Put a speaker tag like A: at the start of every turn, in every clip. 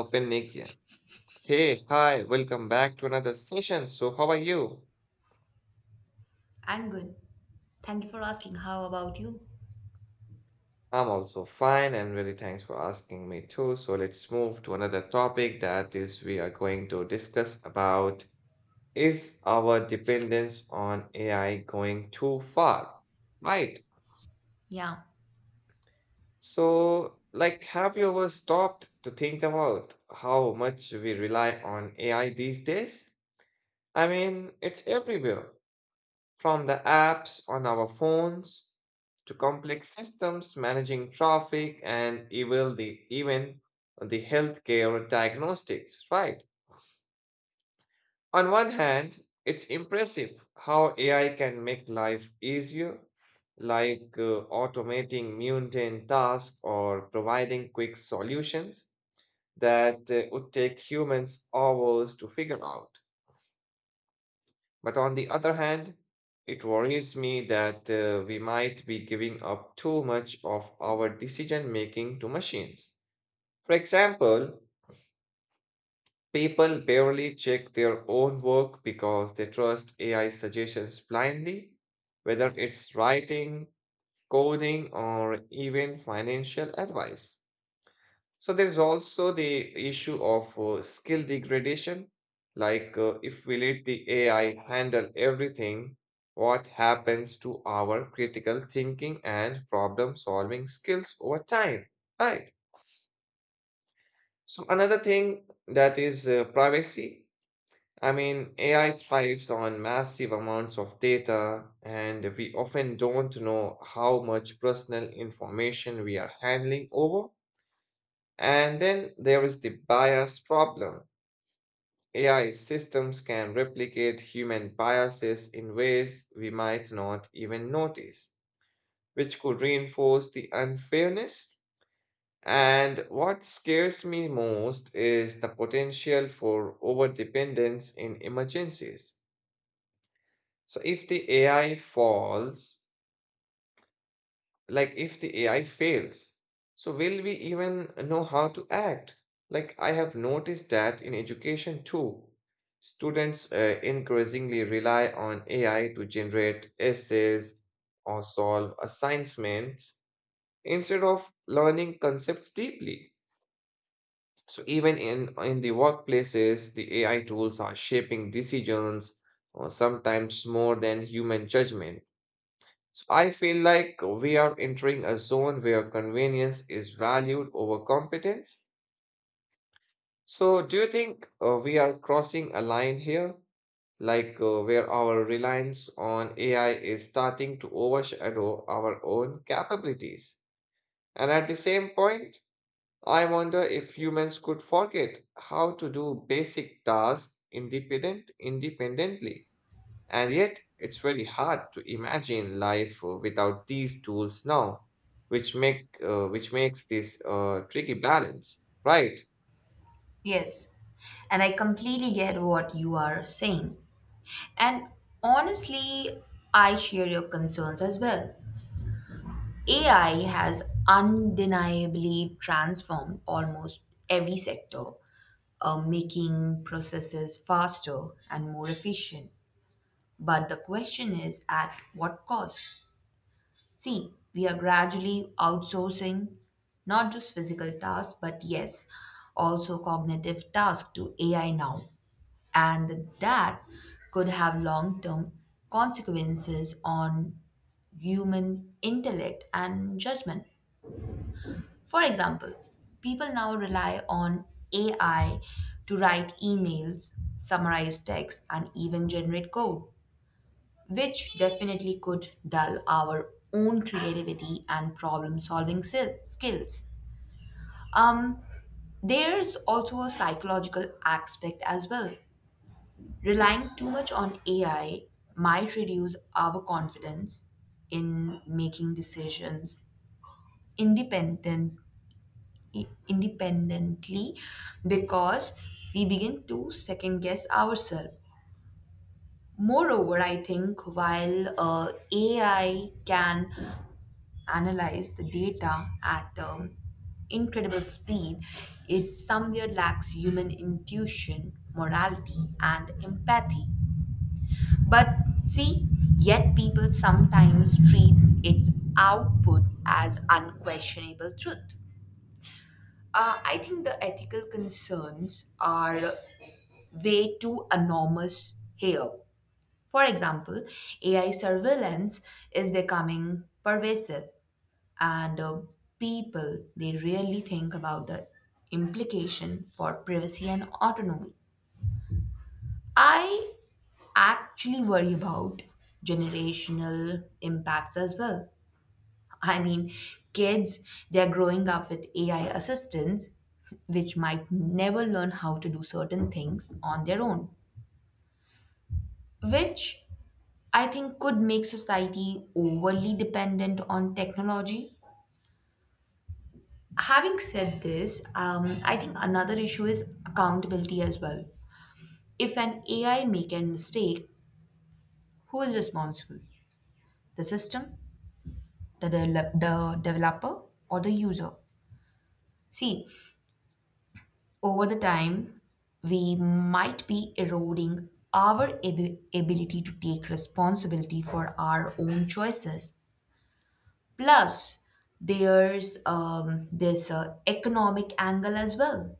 A: Open Nikia. Hey, hi, welcome back to another session. So, how are you?
B: I'm good. Thank you for asking. How about you?
A: I'm also fine and really thanks for asking me too. So, let's move to another topic, that is, we are going to discuss about is our dependence on AI going too far? Right.
B: Yeah,
A: So, have you ever stopped to think about how much we rely on AI these days? I mean, it's everywhere, from the apps on our phones to complex systems managing traffic and even the healthcare diagnostics, right? On one hand, it's impressive how AI can make life easier, like automating mundane tasks or providing quick solutions that would take humans hours to figure out. But on the other hand, it worries me that we might be giving up too much of our decision making to machines. For example, people barely check their own work because they trust AI suggestions blindly, whether it's writing, coding, or even financial advice. So there is also the issue of skill degradation. If we let the AI handle everything, what happens to our critical thinking and problem solving skills over time? Right. So another thing that is privacy. I mean, AI thrives on massive amounts of data, and we often don't know how much personal information we are handling over. And then there is the bias problem. AI systems can replicate human biases in ways we might not even notice, which could reinforce the unfairness. And what scares me most is the potential for overdependence in emergencies. So, if the AI falls, Like, if the AI fails, so will we even know how to act? Like, I have noticed that in education too. Students increasingly rely on AI to generate essays or solve assignments instead of learning concepts deeply. So, even in the workplaces, the AI tools are shaping decisions, or sometimes more than human judgment. So I feel like we are entering a zone where convenience is valued over competence. So do you think we are crossing a line here, where our reliance on AI is starting to overshadow our own capabilities? And at the same point, I wonder if humans could forget how to do basic tasks independently. And yet, it's very hard to imagine life without these tools now, which makes this tricky balance, right?
B: yes. And I completely get what you are saying. And honestly, I share your concerns as well. AI has undeniably transformed almost every sector, making processes faster and more efficient. But the question is, at what cost? See, we are gradually outsourcing not just physical tasks, but yes, also cognitive tasks to AI now. And that could have long term consequences on human intellect and judgment. For example, people now rely on AI to write emails, summarize text, and even generate code, which definitely could dull our own creativity and problem solving skills. Um, there's also a psychological aspect as well. Relying too much on AI might reduce our confidence in making decisions independent independently, because we begin to second guess ourselves. Moreover, I think while AI can analyze the data at incredible speed, it somewhere lacks human intuition, morality, and empathy. But see, yet people sometimes treat its output as unquestionable truth. I think the ethical concerns are way too enormous here. For example, AI surveillance is becoming pervasive, and people they rarely think about the implication for privacy and autonomy. I actually worry about generational impacts as well. I mean, kids, they're growing up with AI assistants, which might never learn how to do certain things on their own, which I think could make society overly dependent on technology. Having said this, I think another issue is accountability as well. If an AI make a mistake, who is responsible? The system, the, de- the developer, or the user? See, over the time, we might be eroding our ability to take responsibility for our own choices. Plus, there's this economic angle as well.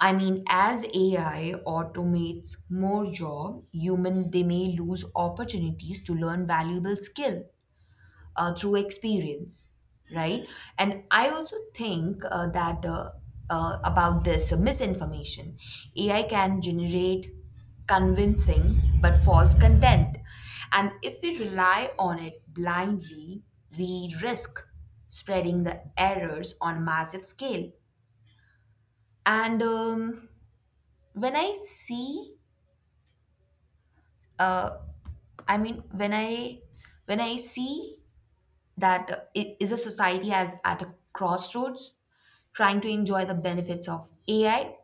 B: I mean, as AI automates more job, human they may lose opportunities to learn valuable skill through experience, right? And I also think that about this misinformation. AI can generate convincing but false content, and if we rely on it blindly, we risk spreading the errors on a massive scale. And when I see uh, I mean when I see that it is a society as at a crossroads, trying to enjoy the benefits of AI,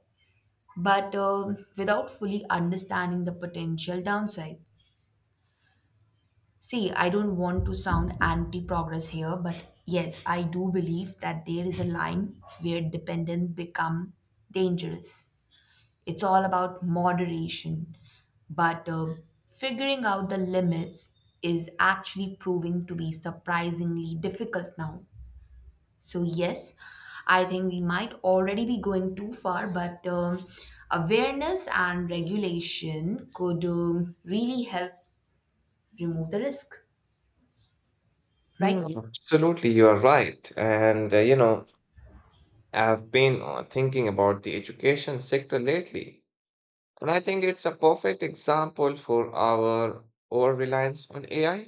B: but without fully understanding the potential downside. See, I don't want to sound anti progress here, but yes, I do believe that there is a line where dependent become dangerous. It's all about moderation, but figuring out the limits is actually proving to be surprisingly difficult now. So, yes, I think we might already be going too far, but awareness and regulation could really help remove the risk, right?
A: Hmm, absolutely, you are right. And you know, I've been thinking about the education sector lately, and I think it's a perfect example for our over reliance on AI.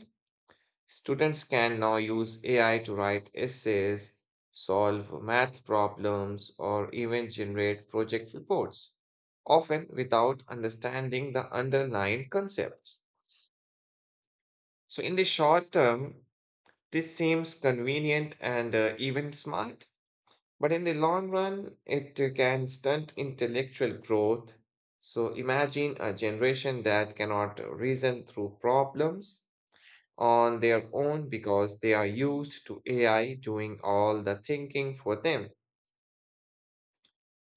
A: Students can now use AI to write essays, solve math problems, or even generate project reports, often without understanding the underlying concepts. So, in the short term, this seems convenient and even smart, but in the long run, it can stunt intellectual growth. So, imagine a generation that cannot reason through problems on their own because they are used to AI doing all the thinking for them.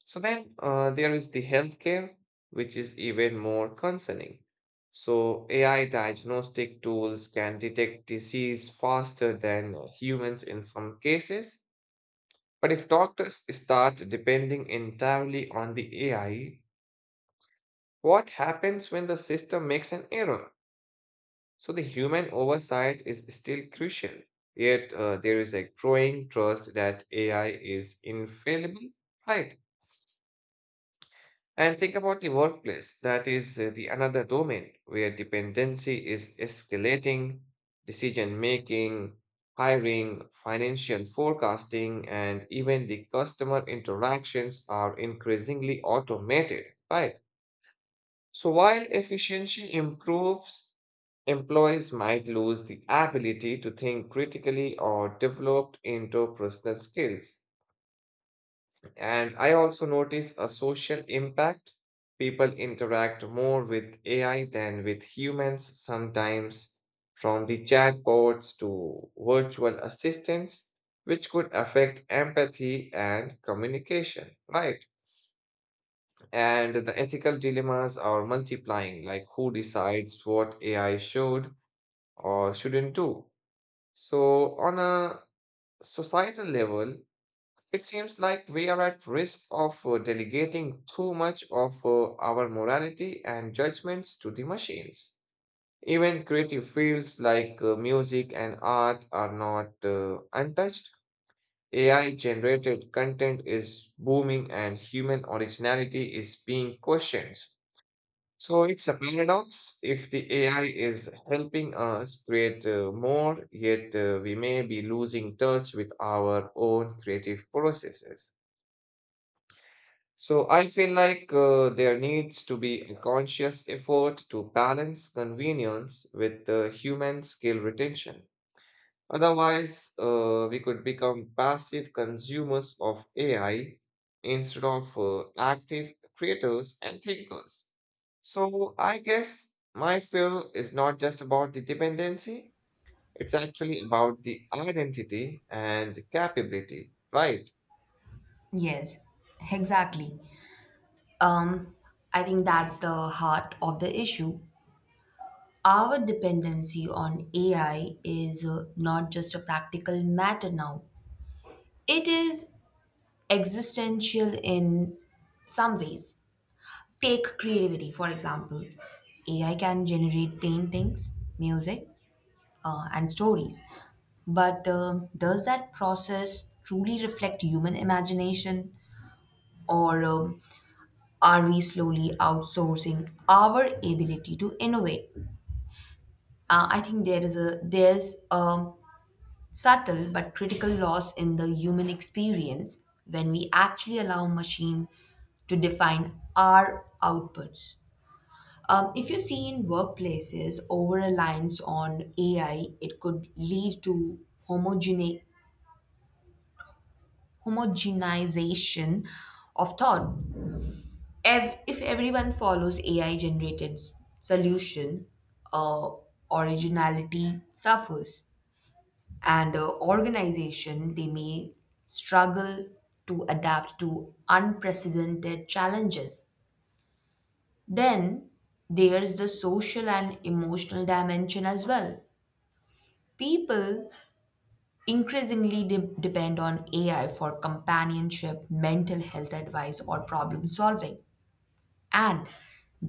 A: So then there is the healthcare, which is even more concerning. So AI diagnostic tools can detect disease faster than humans in some cases. But if doctors start depending entirely on the AI, what happens when the system makes an error? So the human oversight is still crucial, yet there is a growing trust that AI is infallible, right? And think about the workplace. That is the another domain where dependency is escalating. Decision making, hiring, financial forecasting, and even the customer interactions are increasingly automated, right? So while efficiency improves, employees might lose the ability to think critically or develop interpersonal skills. And I also notice a social impact. People interact more with AI than with humans sometimes, from the chatbots to virtual assistants, which could affect empathy and communication, right? And the ethical dilemmas are multiplying, like who decides what AI should or shouldn't do. So, on a societal level, it seems like we are at risk of delegating too much of our morality and judgments to the machines. Even creative fields like music and art are not untouched. AI generated content is booming and human originality is being questioned. So it's a paradox. If the AI is helping us create more, yet we may be losing touch with our own creative processes. So I feel like there needs to be a conscious effort to balance convenience with the human skill retention. Otherwise, we could become passive consumers of AI instead of active creators and thinkers. So, I guess my fear is not just about the dependency, it's actually about the identity and capability, right?
B: Yes, exactly. Um, I think that's the heart of the issue. Our dependency on AI is not just a practical matter now, it is existential in some ways. Take creativity, for example. AI can generate paintings, music, and stories, but does that process truly reflect human imagination? Or, are we slowly outsourcing our ability to innovate? I think there's a subtle but critical loss in the human experience when we actually allow machine to define our outputs. If you see, in workplaces, over reliance on AI it could lead to homogene- homogenization of thought. If everyone follows AI generated solution, uh, originality suffers, and organization they may struggle to adapt to unprecedented challenges. Then there's the social and emotional dimension as well. People increasingly depend on AI for companionship, mental health advice, or problem solving, and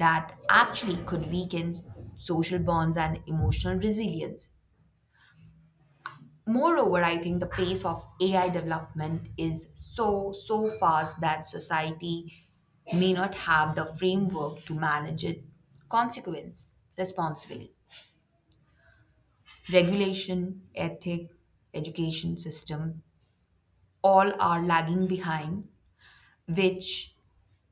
B: that actually could weaken social bonds and emotional resilience. Moreover, I think the pace of AI development is so, so fast that society may not have the framework to manage it consequence responsibly. Regulation, ethic, education system, all are lagging behind, which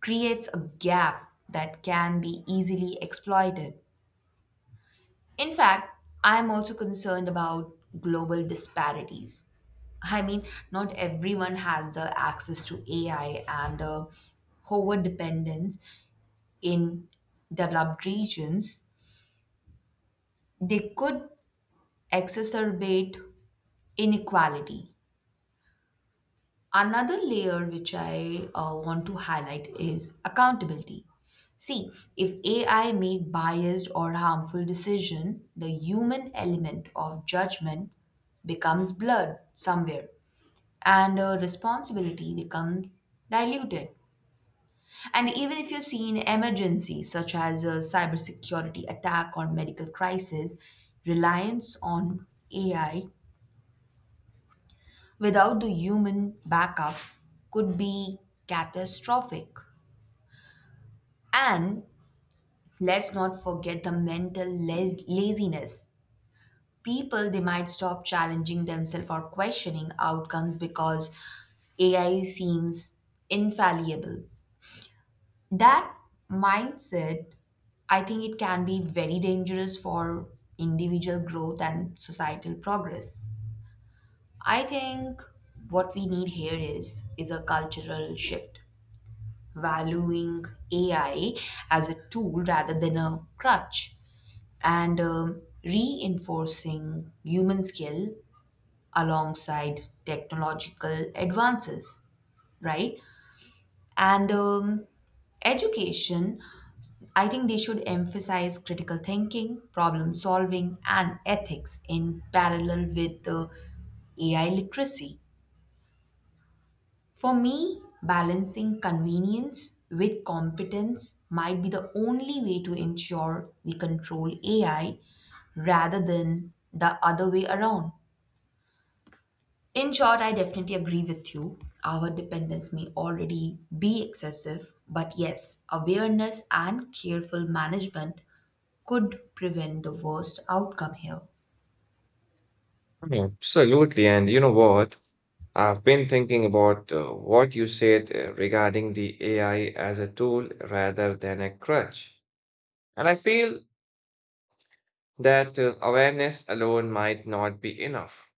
B: creates a gap that can be easily exploited. In fact, I am also concerned about global disparities. I mean, not everyone has the access to AI, and over dependence in developed regions, they could exacerbate inequality. Another layer which I want to highlight is accountability. See, if AI make biased or harmful decision, the human element of judgment becomes blurred somewhere, and responsibility becomes diluted. And even if you see an emergency such as a cybersecurity attack or medical crisis, reliance on AI without the human backup could be catastrophic. And let's not forget the mental laziness. People they might stop challenging themselves or questioning outcomes because AI seems infallible. That mindset, I think it can be very dangerous for individual growth and societal progress. I think what we need here is a cultural shift, valuing AI as a tool rather than a crutch, and reinforcing human skill alongside technological advances, right? And education, I think they should emphasize critical thinking, problem solving, and ethics in parallel with the AI literacy. For me, balancing convenience with competence might be the only way to ensure we control AI rather than the other way around. In short, I definitely agree with you. Our dependence may already be excessive, but yes, awareness and careful management could prevent the worst outcome here.
A: Yeah, absolutely. And you know what? I've been thinking about what you said regarding the AI as a tool rather than a crutch. And I feel that awareness alone might not be enough.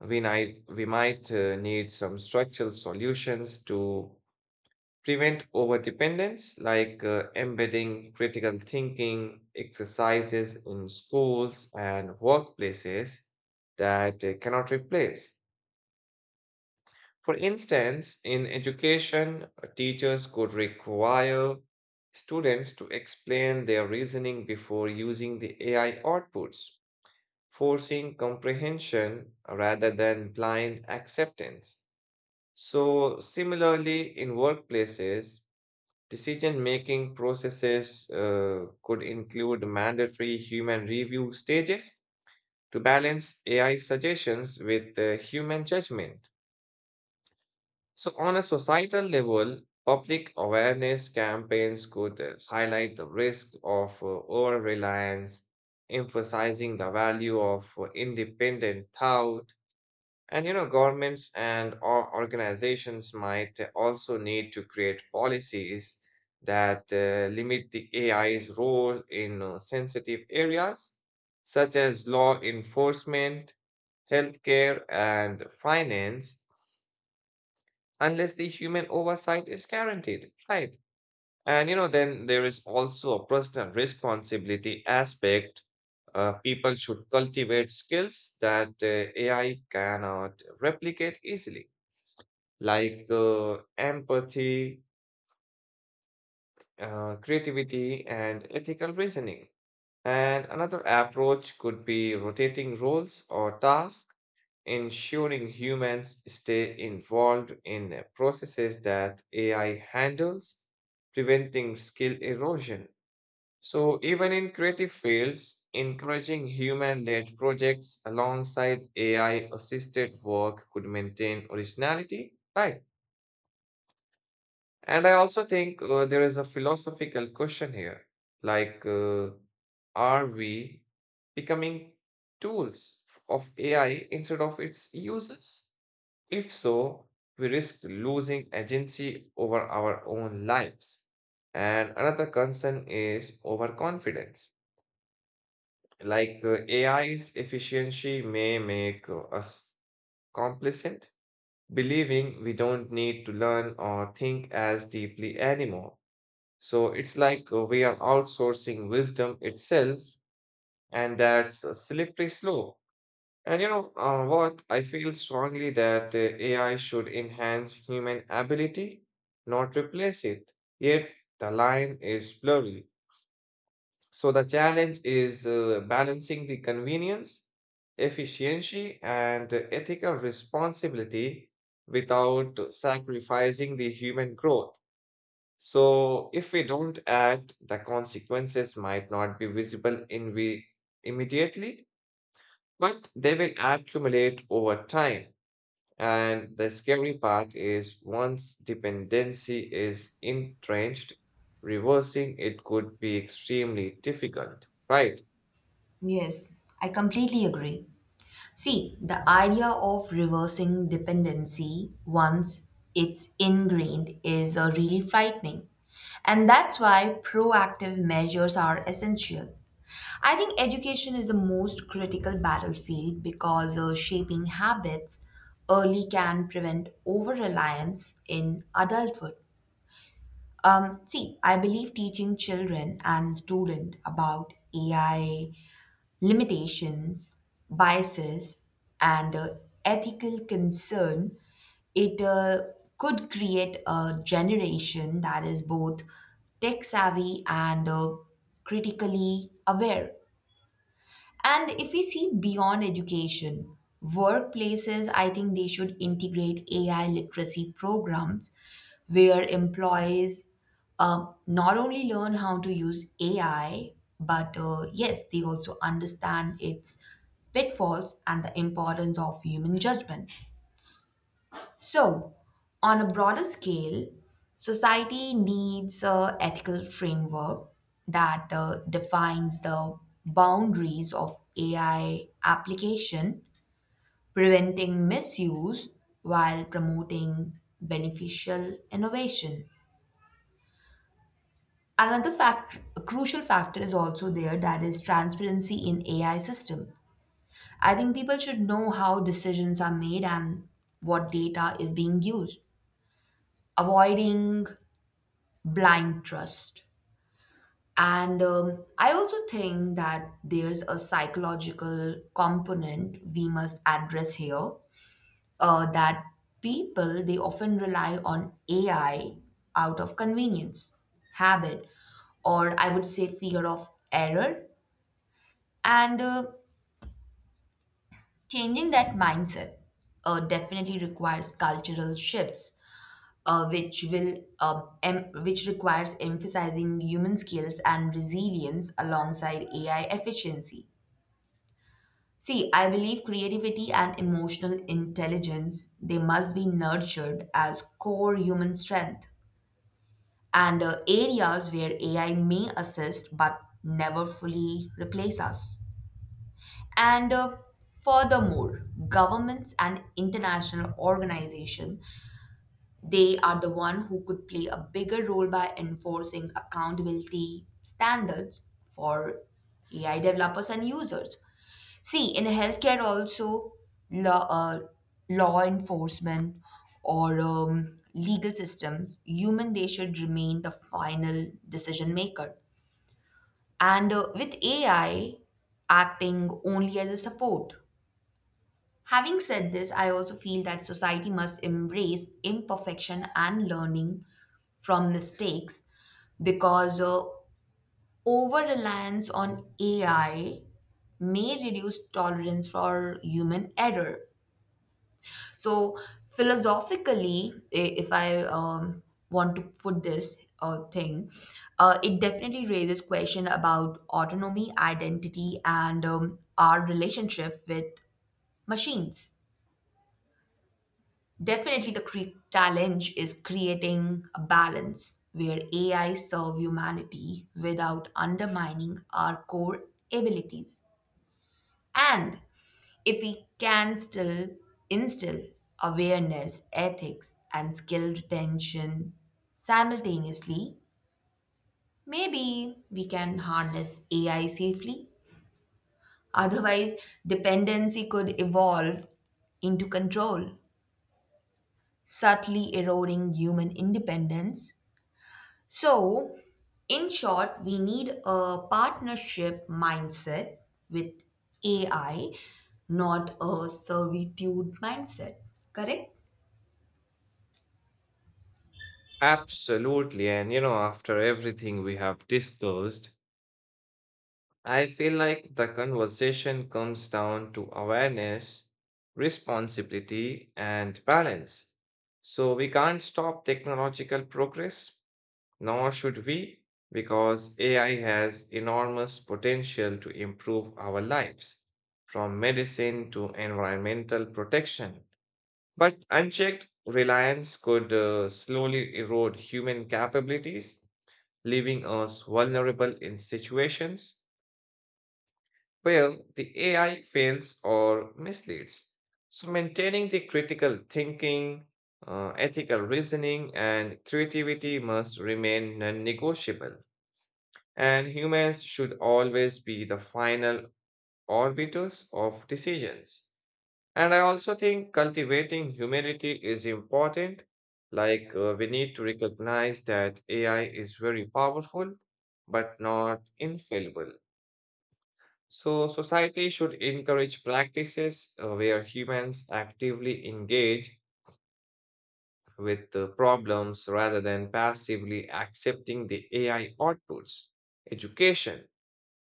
A: We might need some structural solutions to prevent overdependence, like embedding critical thinking exercises in schools and workplaces that cannot replace. For instance, in education, teachers could require students to explain their reasoning before using the AI outputs, forcing comprehension rather than blind acceptance. So, similarly, in workplaces, decision making processes could include mandatory human review stages to balance AI suggestions with human judgment. So, on a societal level, public awareness campaigns could highlight the risk of over reliance, emphasizing the value of independent thought. And you know, governments and or organizations might also need to create policies that limit the AI's role in sensitive areas such as law enforcement, healthcare, and finance, unless the human oversight is guaranteed, right? And you know, then there is also a personal responsibility aspect. People should cultivate skills that AI cannot replicate easily, like empathy, creativity, and ethical reasoning. And another approach could be rotating roles or tasks, ensuring humans stay involved in processes that AI handles, preventing skill erosion. So, even in creative fields, encouraging human led projects alongside AI assisted work could maintain originality, right? And I also think there is a philosophical question here, like uh, are we becoming tools of AI instead of its users? If so, we risk losing agency over our own lives. And another concern is overconfidence. AI's efficiency may make us complacent, believing we don't need to learn or think as deeply anymore. So it's like we are outsourcing wisdom itself, and that's a slippery slope. And you know what? I feel strongly that AI should enhance human ability, not replace it. Yet the line is blurry. So the challenge is balancing the convenience, efficiency, and ethical responsibility without sacrificing the human growth. So, if we don't act, the consequences might not be visible in we immediately, but they will accumulate over time. And the scary part is once dependency is entrenched, reversing it could be extremely difficult, right?
B: Yes, I completely agree. See, the idea of reversing dependency once it's ingrained is really frightening. And that's why proactive measures are essential. I think education is the most critical battlefield because shaping habits early can prevent over reliance in adulthood. See, I believe teaching children and students about AI limitations, biases, and ethical concern, it could create a generation that is both tech savvy and critically aware. And if we see beyond education, workplaces, I think they should integrate AI literacy programs where employees not only learn how to use AI, but yes, they also understand its pitfalls and the importance of human judgment. So, on a broader scale, society needs a ethical framework that defines the boundaries of AI application, preventing misuse while promoting beneficial innovation. Another fact, a crucial factor is also there, that is transparency in AI system. I think people should know how decisions are made and what data is being used, avoiding blind trust. And I also think that there's a psychological component we must address here, that people they often rely on AI out of convenience, habit, or I would say fear of error. And changing that mindset definitely requires cultural shifts, uh, which will which requires emphasizing human skills and resilience alongside AI efficiency. See, I believe creativity and emotional intelligence they must be nurtured as core human strength, and areas where AI may assist but never fully replace us. And furthermore, governments and international organizations, they are the one who could play a bigger role by enforcing accountability standards for AI developers and users. See, in healthcare also, law, uh, law enforcement or legal systems, human they should remain the final decision maker, and with AI acting only as a support. Having said this, I also feel that society must embrace imperfection and learning from mistakes, because over reliance on AI may reduce tolerance for human error. So, philosophically, if I want to put this thing, it definitely raises question about autonomy, identity, and our relationship with machines. Definitely, the challenge is creating a balance where AI serve humanity without undermining our core abilities. And if we can still instill awareness, ethics, and skill retention simultaneously, maybe we can harness AI safely. Otherwise, dependency could evolve into control, subtly eroding human independence. So, in short, we need a partnership mindset with AI, not a servitude mindset. Correct?
A: Absolutely. And you know, after everything we have discussed, I feel like the conversation comes down to awareness, responsibility, and balance. So we can't stop technological progress, nor should we, because AI has enormous potential to improve our lives, from medicine to environmental protection. But unchecked reliance could slowly erode human capabilities, leaving us vulnerable in situations well, the AI fails or misleads. So, maintaining the critical thinking, ethical reasoning, and creativity must remain non negotiable. And humans should always be the final arbiters of decisions. And I also think cultivating humility is important. Like, we need to recognize that AI is very powerful, but not infallible. So, society should encourage practices where humans actively engage with the problems rather than passively accepting the AI outputs. Education,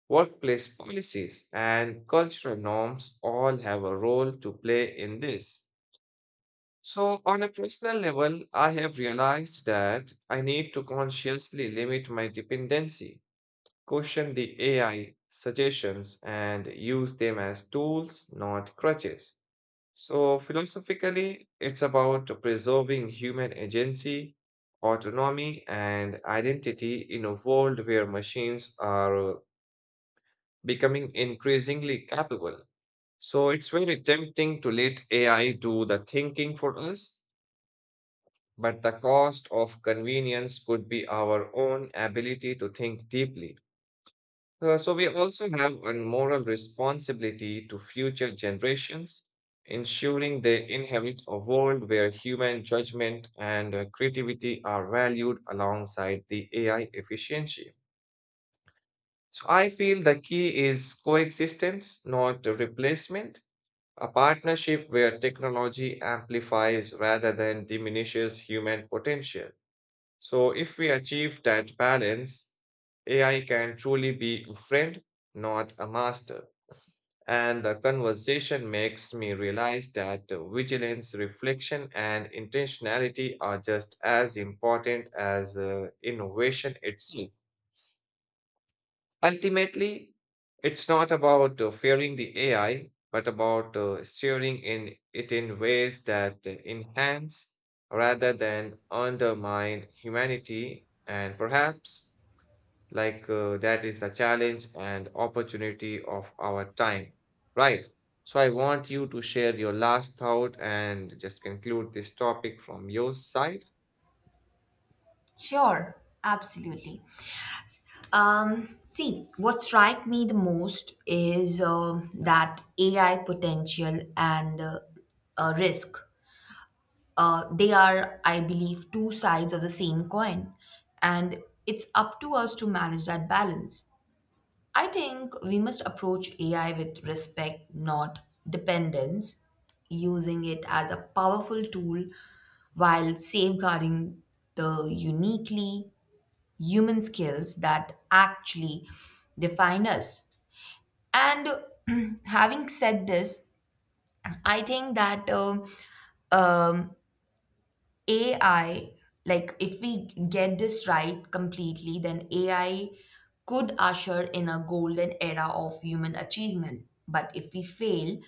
A: workplace policies, and cultural norms all have a role to play in this. So, on a personal level, I have realized that I need to consciously limit my dependency, question the AI suggestions and use them as tools, not crutches. So, philosophically, it's about preserving human agency, autonomy, and identity in a world where machines are becoming increasingly capable. So, it's very tempting to let AI do the thinking for us, but the cost of convenience could be our own ability to think deeply. So we also have a moral responsibility to future generations, ensuring they inherit a world where human judgment and creativity are valued alongside the AI efficiency. So I feel the key is coexistence, not a replacement, a partnership where technology amplifies rather than diminishes human potential. So, if we achieve that balance, AI can truly be a friend, not a master. And the conversation makes me realize that vigilance, reflection, and intentionality are just as important as innovation itself. Ultimately, it's not about fearing the AI, but about steering in it in ways that enhance rather than undermine humanity, and perhaps that is the challenge and opportunity of our time, right? So I want you to share your last thought and just conclude this topic from your side.
B: Sure, absolutely. See, what strike me the most is that AI potential and risk. They are, I believe, two sides of the same coin, and it's up to us to manage that balance. I think we must approach AI with respect, not dependence, using it as a powerful tool while safeguarding the uniquely human skills that actually define us. And having said this, I think that um, AI, like, if we get this right completely, then AI could usher in a golden era of human achievement. But if we fail,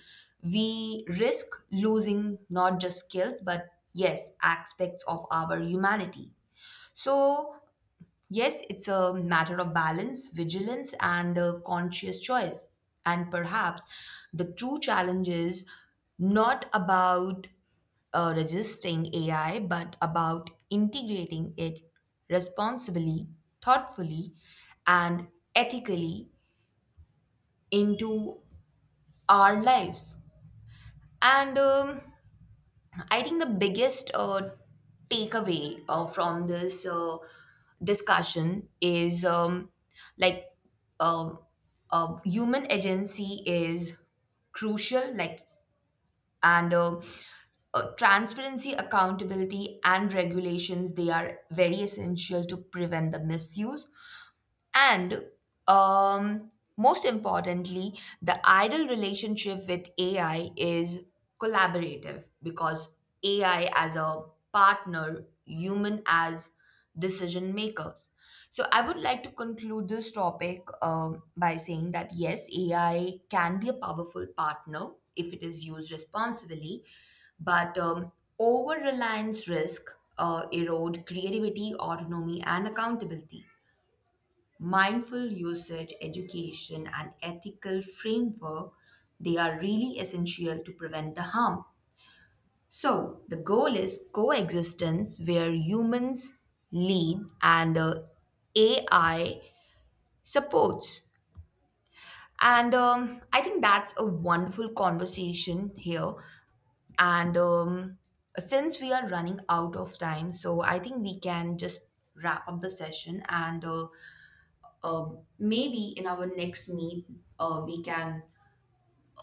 B: we risk losing not just skills, but yes, aspects of our humanity. So, yes, it's a matter of balance, vigilance, and a conscious choice. And perhaps the true challenge is not about resisting AI, but about integrating it responsibly, thoughtfully, and ethically into our lives. And I think the biggest takeaway from this discussion is, like um, human agency is crucial, like, and transparency, accountability, and regulations, they are very essential to prevent the misuse. And um, most importantly, the ideal relationship with AI is collaborative, because AI as a partner, human as decision makers. So I would like to conclude this topic by saying that yes, AI can be a powerful partner if it is used responsibly, but over reliance risk erode creativity, autonomy, and accountability. Mindful usage, education, and ethical framework, they are really essential to prevent the harm. So, the goal is coexistence where humans lead and AI supports. And I think that's a wonderful conversation here. And since we are running out of time, so I think we can just wrap up the session, and uh, maybe in our next meet uh, we can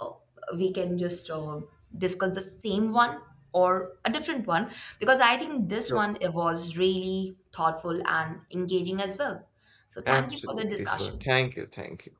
B: uh, we can just discuss the same one or a different one, because I think this
A: Sure.
B: one it was really thoughtful and engaging as well. So thank you for the
A: Absolutely. So
B: discussion.
A: thank you, thank you.